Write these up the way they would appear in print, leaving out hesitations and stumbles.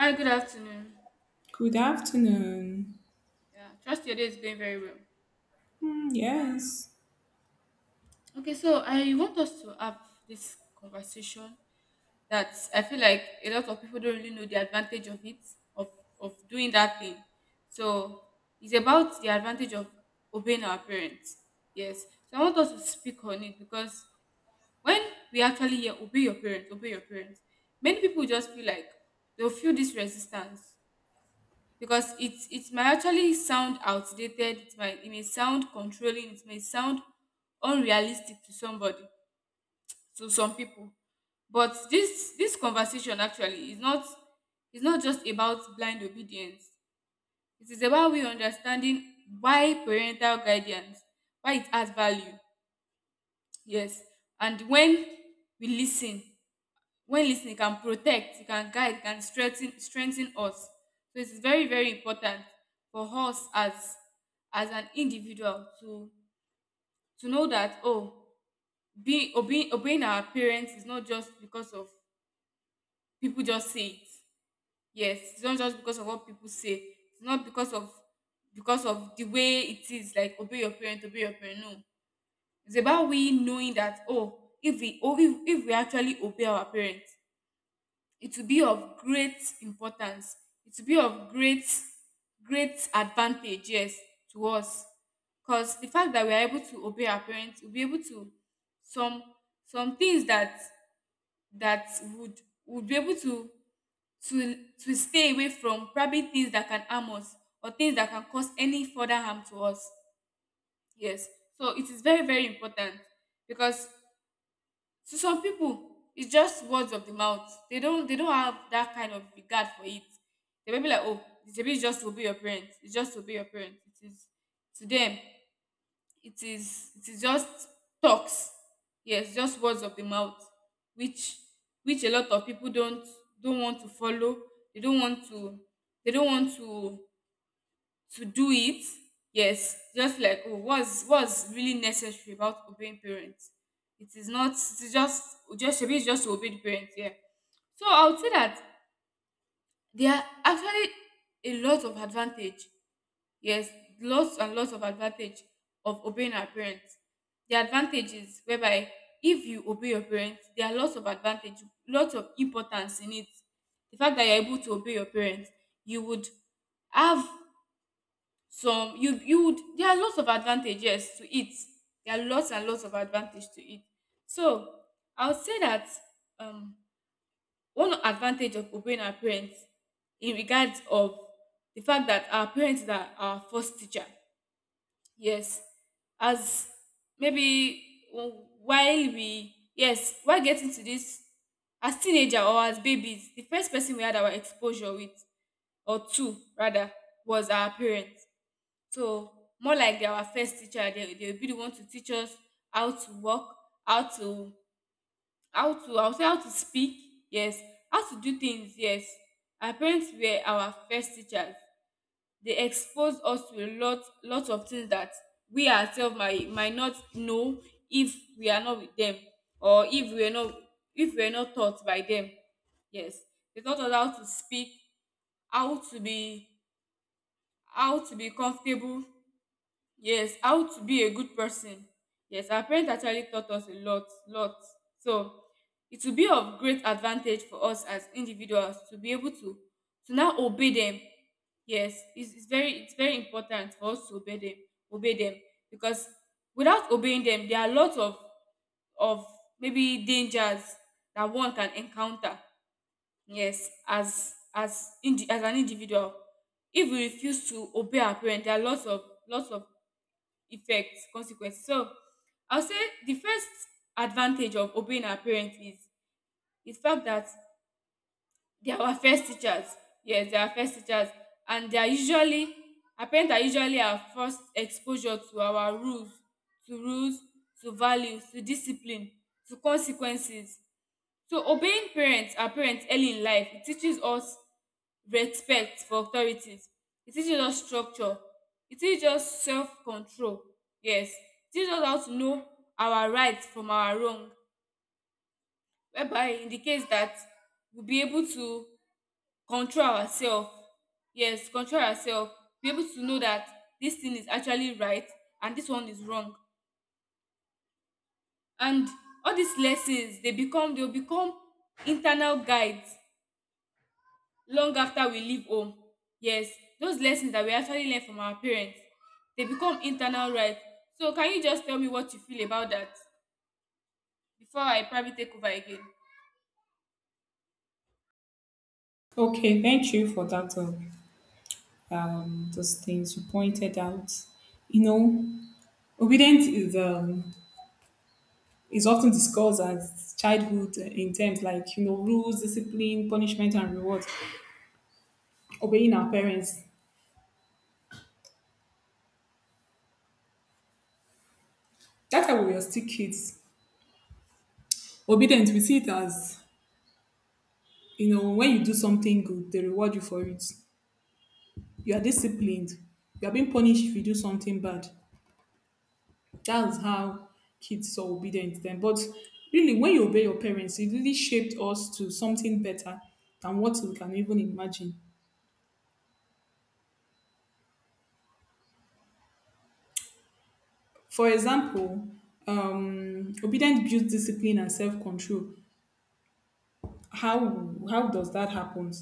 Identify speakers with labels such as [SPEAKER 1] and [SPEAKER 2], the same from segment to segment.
[SPEAKER 1] Hi, good afternoon.
[SPEAKER 2] Good afternoon.
[SPEAKER 1] Yeah, trust your day is going very well.
[SPEAKER 2] Mm, yes.
[SPEAKER 1] Okay, so I want us to have this conversation that I feel like a lot of people don't really know the advantage of it, of, of doing that thing. So it's about the advantage of obeying our parents. Yes. So I want us to speak on it because when we actually hear obey your parents, many people just feel like they'll feel this resistance because it might actually sound outdated, it might, it may sound controlling, it may sound unrealistic to somebody, to some people. But this conversation actually is not, is not just about blind obedience. It is about we understanding why parental guidance, why it has value. Yes. And when we listen, when listening, can protect, e can guide, e can strengthen us. So it is very, very important for us as an individual to know that, oh, being obeying our parents is not just because of people just say it. Yes, it's not just because of what people say, it's not because of, because of the way it is, like obey your parent, obey your parent. No, it's about we knowing that, oh, if we, oh, if we actually obey our parents, it will be of great importance, it will be of great, great advantage. Yes, to us. Because the fact that we are able to obey our parents, we'll be able to, some some things that that would would be able to stay away from, probably things that can harm us or things that can cause any further harm to us. Yes. So it is very, very important. Because to some pipu, it's just words of the mouth. They don't have that kind of regard for it. They may be like, oh, it's a bit just to obey your parents, it's just to obey your parents. It is, to them, it is just talks. Yes, just words of the mouth, which which a lot of people don't want to follow. They don't want to, they don't want to do it. Yes, just like, oh, what's really necessary about obeying parents? It is not, it is just maybe it's just to obey the parents. Yeah. So I would say that there are actually a lot of advantage. Yes, lots and lots of advantage of obeying our parents. The advantages whereby if you obey your parents, there are lots of advantage, lots of importance in it. The fact that you're able to obey your parents, you would have some, you would, there are lots of advantages to it, there are lots and lots of advantage to it. So I would say that um one advantage of obeying our parents, in regards of the fact that our parents are our first teacher. Yes. As maybe while we, yes, while getting to this, as teenager or as babies, the first person we had our exposure with, or two rather, was our parents. So more like they're our first teacher, they will be the one to teach us how to walk, how to, how to, I would say, how to speak, yes, how to do things, yes. Our parents were our first teachers. They exposed us to a lot of things that we ourselves might not know if we are not with them, or if we are not, if we are not taught by them. Yes. They taught us how to speak, how to be, how to be comfortable. Yes, how to be a good person. Yes, our parents actually taught us a lot, lot. So it will be of great advantage for us as individuals to be able to now obey them. Yes, it's, it's very important for us to obey them, obey them. Because without obeying them, there are lots of maybe dangers that one can encounter. Yes, as as an individual, if we refuse to obey our parents, there are lots of, lots of effect, consequences. So I'll say the first advantage of obeying our parents is the fact that they are our first teachers. Yes, they are our first teachers, and they are usually, our parents are usually our first exposure to our rules, to rules, to values, to discipline, to consequences. So obeying parents and parents early in life, it teaches us respect for authorities. It teaches us structure. It teaches us self-control. Yes. It teaches us how to know our rights from our wrong. Whereby it indicates that we'll be able to control ourselves. Yes, control ourselves. Be able to know that this thing is actually right and this one is wrong. And all these lessons, they become, they'll become internal guides long after we leave home. Yes, those lessons that we actually learn from our parents, they become internal rights. So can you just tell me what you feel about that before I probably take over again?
[SPEAKER 2] Okay, thank you for that. Those things you pointed out. You know, obedience is often discussed as childhood in terms like, you know, rules, discipline, punishment, and reward. Obeying our parents. That's how we were still kids. Obedience, we see it as, you know, when you do something good, they reward you for it. You are disciplined. You are being punished if you do something bad. That's how kids are obedient then. But really, when you obey your parents, it really shaped us to something better than what we can even imagine. For example, obedience builds discipline and self-control. How does that happen?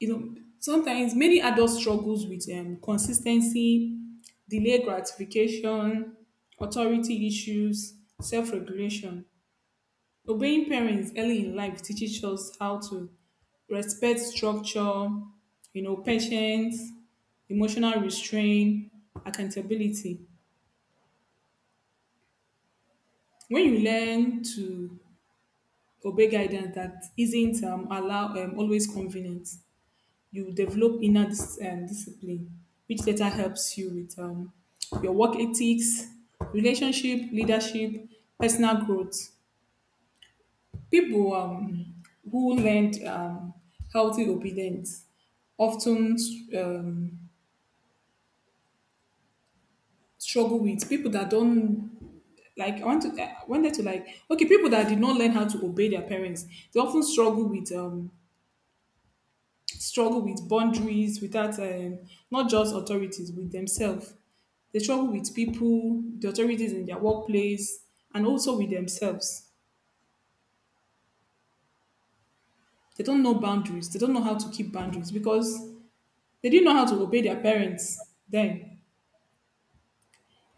[SPEAKER 2] You know, sometimes many adults struggles with consistency, delayed gratification, authority issues, self-regulation. Obeying parents early in life teaches us how to respect structure, you know, patience, emotional restraint, accountability. When you learn to obey guidance that isn't allow always convenient, you develop inner discipline, which later helps you with your work ethics, relationship, leadership, personal growth. People who learned healthy obedience often um, struggle with people that don't like. I want to I wanted to like okay, People that did not learn how to obey their parents. They often struggle with boundaries, without not just authorities, with themselves. They struggle with people, the authorities in their workplace, and also with themselves. They don't know boundaries. They don't know how to keep boundaries because they didn't know how to obey their parents then.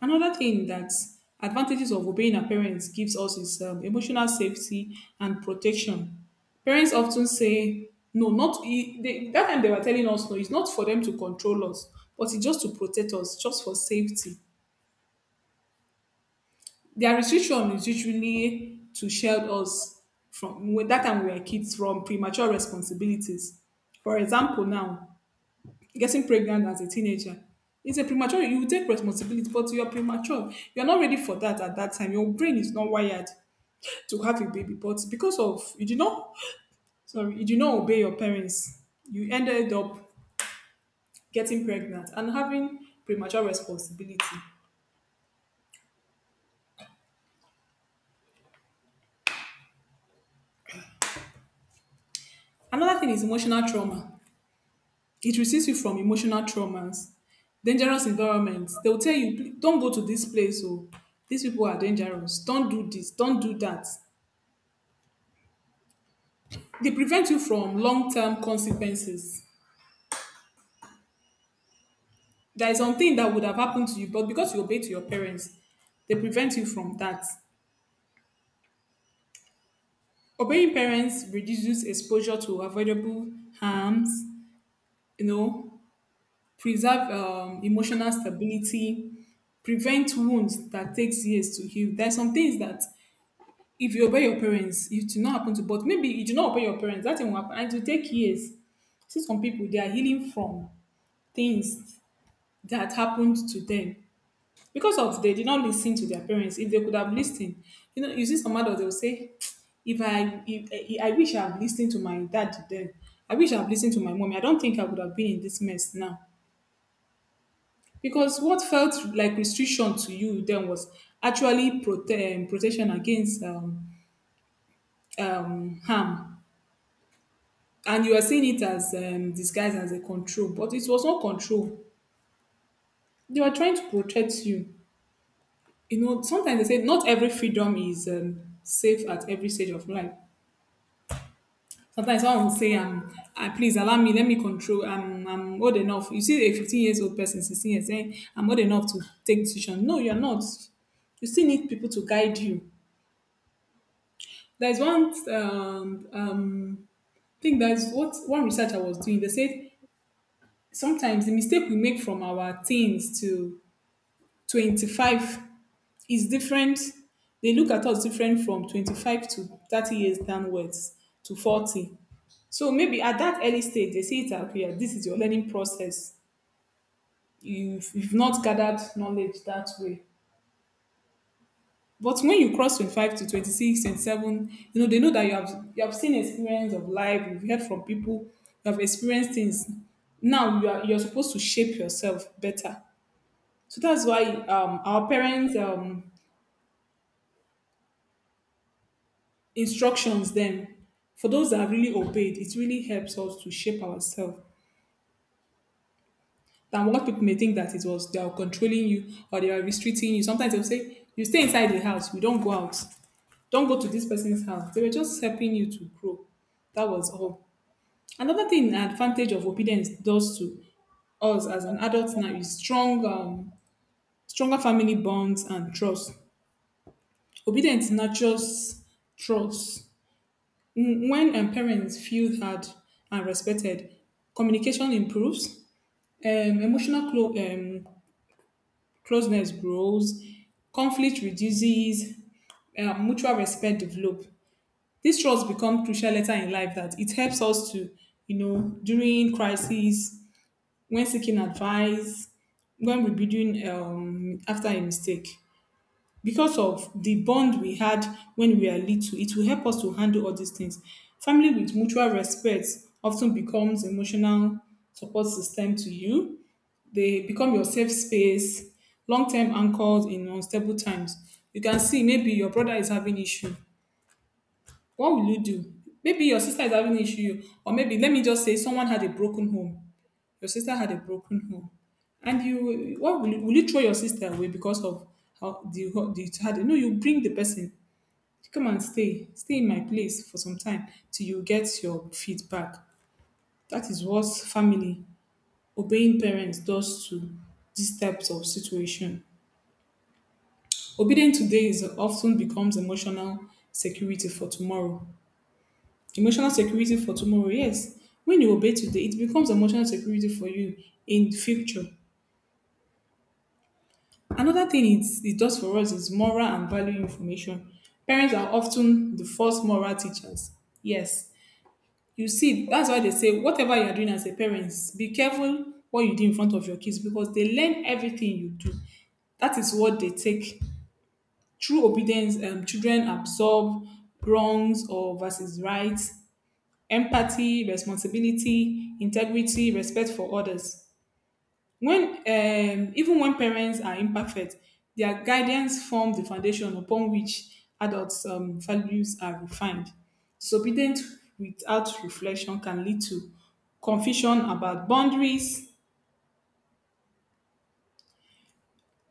[SPEAKER 2] Another thing that advantages of obeying our parents gives us is emotional safety and protection. Parents often say no, not e- they, that time they were telling us no, it's not for them to control us, but it's just to protect us, just for safety. Their restriction is usually to shield us from, when that time we were kids, from premature responsibilities. For example, now getting pregnant as a teenager is a premature, you will take responsibility, but you're premature, you're not ready for that. At that time your brain is not wired to have a baby, but because of, you did not, sorry, you did not obey your parents, you ended up getting pregnant and having premature responsibility. Another thing is emotional trauma. It resists you from emotional traumas, dangerous environments. They'll tell you, Don't go to this place. Oh, these people are dangerous. Don't do this, don't do that." They prevent you from long term consequences. There is something that would have happened to you, but because you obey to your parents, they prevent you from that. Obeying parents reduces exposure to avoidable harms, you know, preserve emotional stability, prevent wounds that takes years to heal. There are some things that if you obey your parents, it do not happen to, but maybe you do not obey your parents, that thing will happen and it will take years. See, some people, they are healing from things that happened to them because of they did not listen to their parents. If they could have listened, you know, you see some adults they will say, "If I, if, eh, I wish I have listened to my dad then. I wish I have listened to my mommy. I don't think I would have been in this mess now." Because what felt like restriction to you then was actually protection against harm, and you are seeing it as disguised as a control, but it was not control. They were trying to protect you. You know, sometimes they say not every freedom is safe at every stage of life. Sometimes someone will say, ah, please allow me, let me control. I'm old enough. You see a 15 years old person, 16 years, saying, I'm old enough to take decision. No, you're not. You still need people to guide you. There's one thing that's what one research I was doing. They said sometimes the mistake we make from our teens to 25 is different. They look at us different from 25 to 30 years downwards to 40. So maybe at that early stage, they see it as, okay, yeah, this is your learning process. You've not gathered knowledge that way. But when you cross 25 to 26, 27, you know, they know that you have seen experience of life, you've heard from people, you have experienced things. Now you're supposed to shape yourself better. So that's why our parents' instructions then, for those that have really obeyed, it really helps us to shape ourselves than what people may think that it was they are controlling you or they are restricting you. Sometimes they'll say, you stay inside the house, you don't go out, don't go to this person's house. They were just helping you to grow. That was all. Another thing, an advantage of obedience does to us as an adult now is stronger family bonds and trust. Obedience nurtures trust. Mm. When parents feel heard and respected, communication improves, um, emotional closeness grows, conflict reduces, mutual respect develop. This trust become crucial later in life that it helps us to, you know, during crisis, when seeking advice, when rebuilding after a mistake, because of the bond we had when we are little, it will help us to handle all these things. Family with mutual respect often becomes emotional support system to you. They become your safe space, long-term anchors in unstable times. You can see maybe your brother is having issue. What will you do? Maybe your sister is having issue, or maybe let me just say someone had a broken home. Your sister had a broken home, and you what will you throw your sister away because of how the the child? No, you bring the person. Come and stay, stay in my place for some time till you get your feet back. That is what family obeying parents does to these types of situation. Obedience today is often becomes emotional security for tomorrow. Emotional security for tomorrow, yes. When you obey today, it becomes emotional security for you in the future. Another thing it does for us is moral and value information. Parents are often the first moral teachers. Yes, you see, that's why they say whatever you're doing as a parent, be careful what you do in front of your kids because they learn everything you do. That is what they take. Through obedience, children absorb wrongs or versus rights, empathy, responsibility, integrity, respect for others. When Even when parents are imperfect, their guidance forms the foundation upon which adults' values are refined. Submitting without reflection can lead to confusion about boundaries,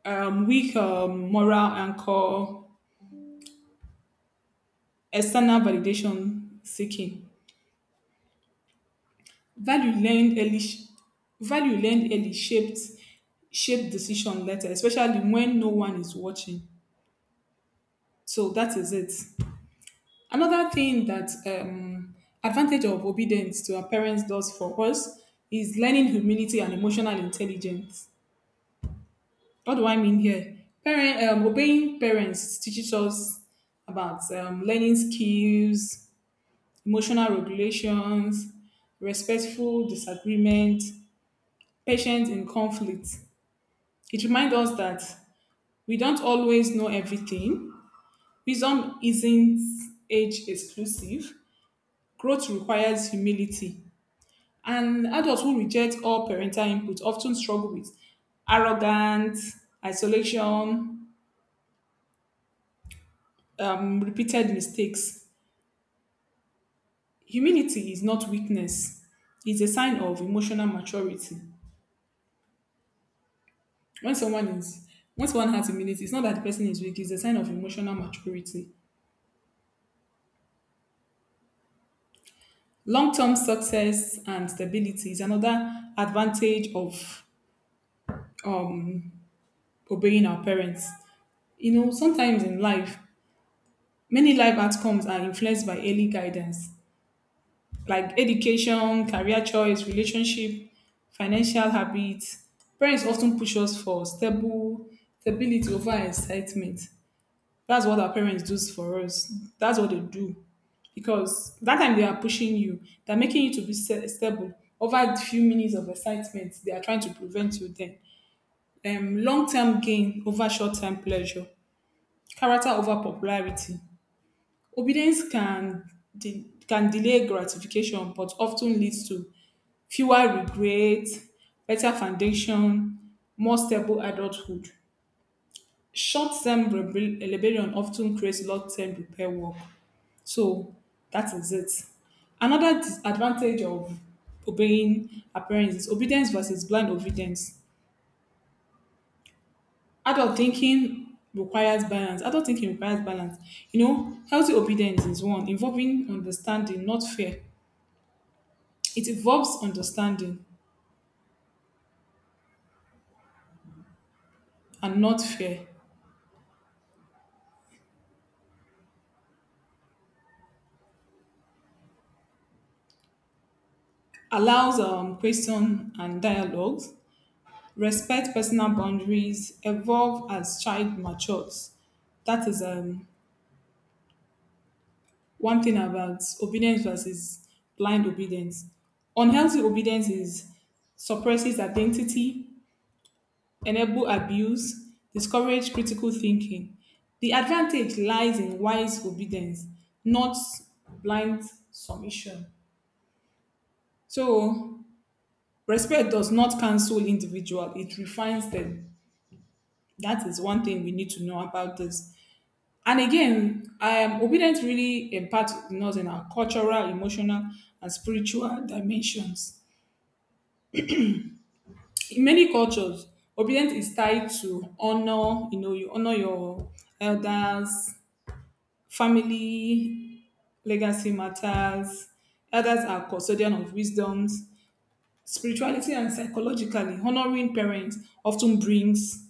[SPEAKER 2] weak moral anchor, external validation seeking. Value learned early, sh- Value learned early shaped decision later, especially when no one is watching. So that is it. Another thing that advantage of obedience to our parents does for us is learning humility and emotional intelligence. What do I mean here? Obeying parents teaches us about learning skills, emotional regulations, respectful disagreement, patience in conflict. It reminds us that we don't always know everything. Wisdom isn't age exclusive. Growth requires humility. And adults who reject all parental input often struggle with arrogance, isolation, repeated mistakes. Humility is not weakness, it's a sign of emotional maturity. When someone is when someone has humility, it's not that the person is weak, it's a sign of emotional maturity. Long term success and stability is another advantage of um, obeying our parents. You know, sometimes in life, many life outcomes are influenced by early guidance, like education, career choice, relationship, financial habits. Parents often push us for stable stability over excitement. That's what our parents do for us. That's what they do. Because that time they are pushing you, they're making you to be stable. Over a few minutes of excitement, they are trying to prevent you then. Long-term gain over short-term pleasure. Character over popularity. Obedience can can delay gratification, but often leads to fewer regrets, better foundation, more stable adulthood. Short term rebellion often creates long term repair work. So that is it. Another disadvantage of obeying our parents is obedience versus blind obedience. Adult thinking requires balance. Adult thinking requires balance. You know, healthy obedience is one involving understanding, not fear. It involves understanding and not fear. Allows question and dialogues, respect personal boundaries, evolve as child matures. That is one thing about obedience versus blind obedience. Unhealthy obedience is suppresses identity, enable abuse, discourage critical thinking. The advantage lies in wise obedience, not blind submission. So, respect does not cancel individual, it refines them. That is one thing we need to know about this. And again, obedience really imparts in us in our cultural, emotional, and spiritual dimensions. In many cultures, obedience is tied to honor. You know, you honor your elders, family, legacy matters. Elders are custodian of wisdoms. Spirituality and psychologically, honoring parents often brings,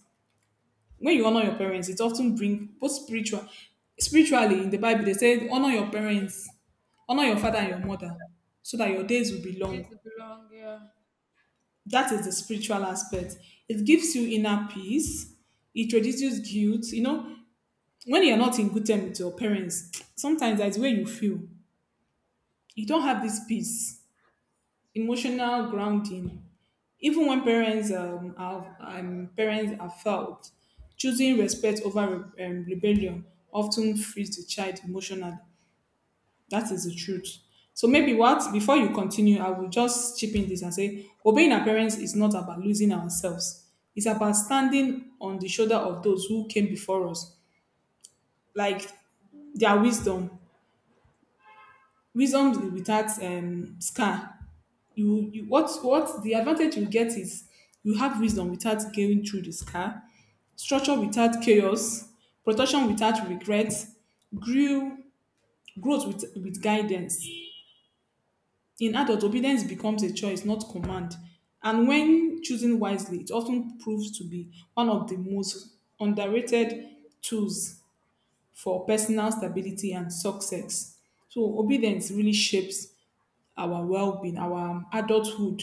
[SPEAKER 2] when you honor your parents, it often bring both spiritual, spiritually in the Bible they say honor your parents, honor your
[SPEAKER 1] Yeah,
[SPEAKER 2] father
[SPEAKER 1] so
[SPEAKER 2] and your
[SPEAKER 1] that
[SPEAKER 2] mother, so that your days will be
[SPEAKER 1] place
[SPEAKER 2] long.
[SPEAKER 1] will belong. Yeah.
[SPEAKER 2] That is the spiritual aspect. It gives you inner peace, it reduces guilt. You know, when you're not in good terms with your parents, sometimes that's where you feel. You don't have this peace, emotional grounding. Even when parents are felt, choosing respect over rebellion often frees the child emotionally. That is the truth. So maybe what, before you continue, I will just chip in this and say, obeying our parents is not about losing ourselves. It's about standing on the shoulder of those who came before us, like their wisdom, wisdom without scar. You what the advantage you get is you have wisdom without going through the scar, structure without chaos, protection without regret, grew, growth with guidance. In adult, obedience becomes a choice, not command. And when choosing wisely, it often proves to be one of the most underrated tools for personal stability and success. So, obedience really shapes our well being, our adulthood,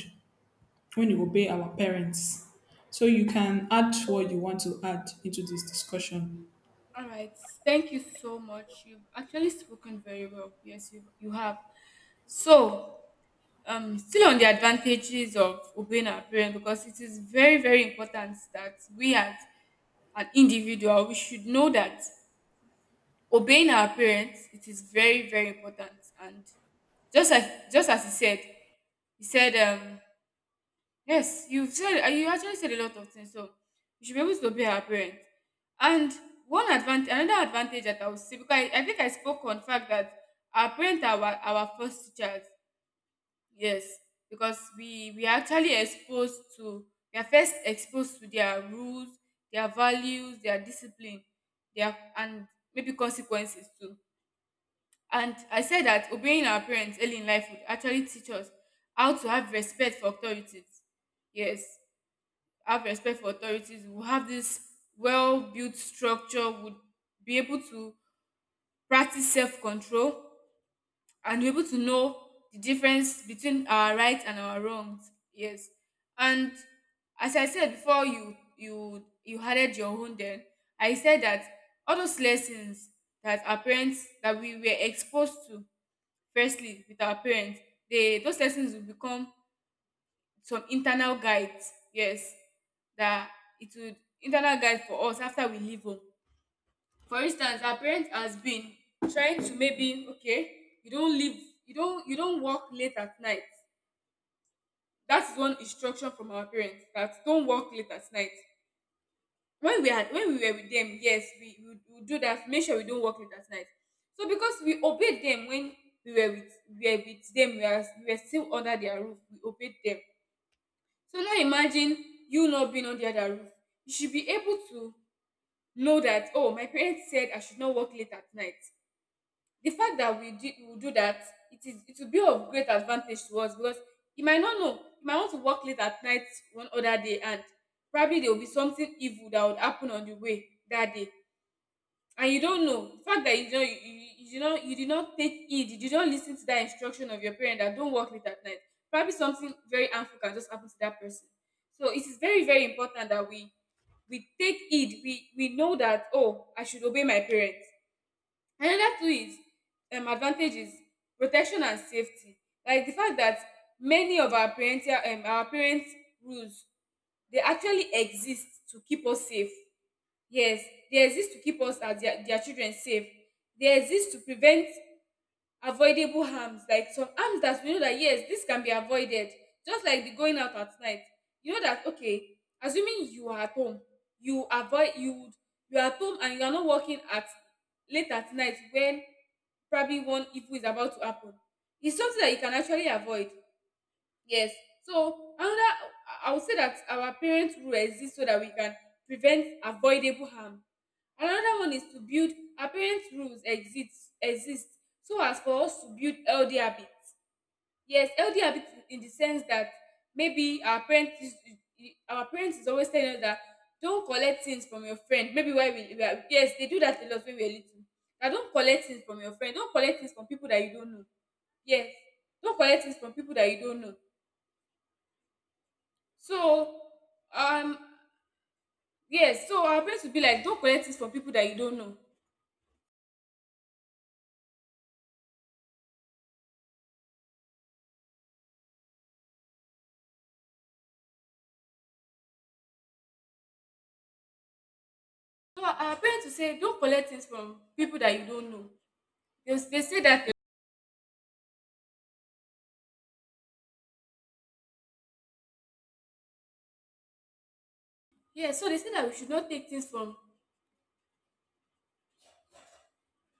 [SPEAKER 2] when you obey our parents. So, you can add what you want to add into this discussion.
[SPEAKER 1] All right. Thank you so much. You've actually spoken very well. Yes, you have. So, still on the advantages of obeying our parents, because it is very, very important that we as an individual we should know that obeying our parents, it is very, very important. And just as he said, yes, you've said, you actually said a lot of things, so you should be able to obey our parents. And one advantage, another advantage that I would see, because I think I spoke on the fact that our parents are our first teachers. Yes, because we are actually exposed to, we are first exposed to their rules, their values, their discipline, their, and maybe consequences too. And I said that obeying our parents early in life would actually teach us how to have respect for authorities. Yes, have respect for authorities. We'll have this well built structure, would be able to practice self control and be able to know the difference between our right and our wrongs. Yes. And as I said before you added your own then, I said that all those lessons that our parents, that we were exposed to firstly with our parents, they, those lessons will become some internal guides. Yes, that it would internal guide for us after we leave home. For instance, our parents has been trying to, maybe okay, you don't leave, you don't work late at night. That is one instruction from our parents, that don't work late at night. When we had, when we were with them, yes, we would do that, make sure we don't work late at night. So because we obeyed them when we were with, we were with them, we are, we were still under their roof, we obeyed them. So now imagine you not being under their roof, you should be able to know that, oh, my parents said I should not work late at night. The fact that we did, we will do that, it will be of great advantage to us. Because you might not know, you might want to work late at night one other day, and probably there will be something evil that would happen on the way that day. And you don't know, the fact that you don't, you did not, you did not take heed, you did not listen to that instruction of your parent, that don't work late at night, probably something very harmful can just happen to that person. So it is very, very important that we take heed, we know that, oh, I should obey my parents. Another two is advantages, protection and safety. Like the fact that many of our parental, our parents rules, they actually exist to keep us safe. Yes, they exist to keep us as their children safe. They exist to prevent avoidable harms, like some harms that we know that yes, this can be avoided, just like the going out at night. You know that, okay, assuming you are at home, you avoid, you would, you are at home and you are not working at late at night when probably one evil is about to happen. It's something that you can actually avoid. Yes. So another, I would say that our parents rule exists so that we can prevent avoidable harm. Another one is to build, apparent rules exist, exist so as for us to build healthy habits. Yes, healthy habits, in the sense that maybe our parents is, our parents is always telling us that don't collect things from your friend. Maybe why we are, yes, they do that a lot when we are little. Now don't collect things from your friend, don't collect things from people that you don't know. Yes, don't collect things from people that you don't know. So um yes, so our parents will be like, don't collect things from people that you don't know. No, our parents will say don't collect things from people that you don't know. They say that. Yeah, so they say that we should not take things from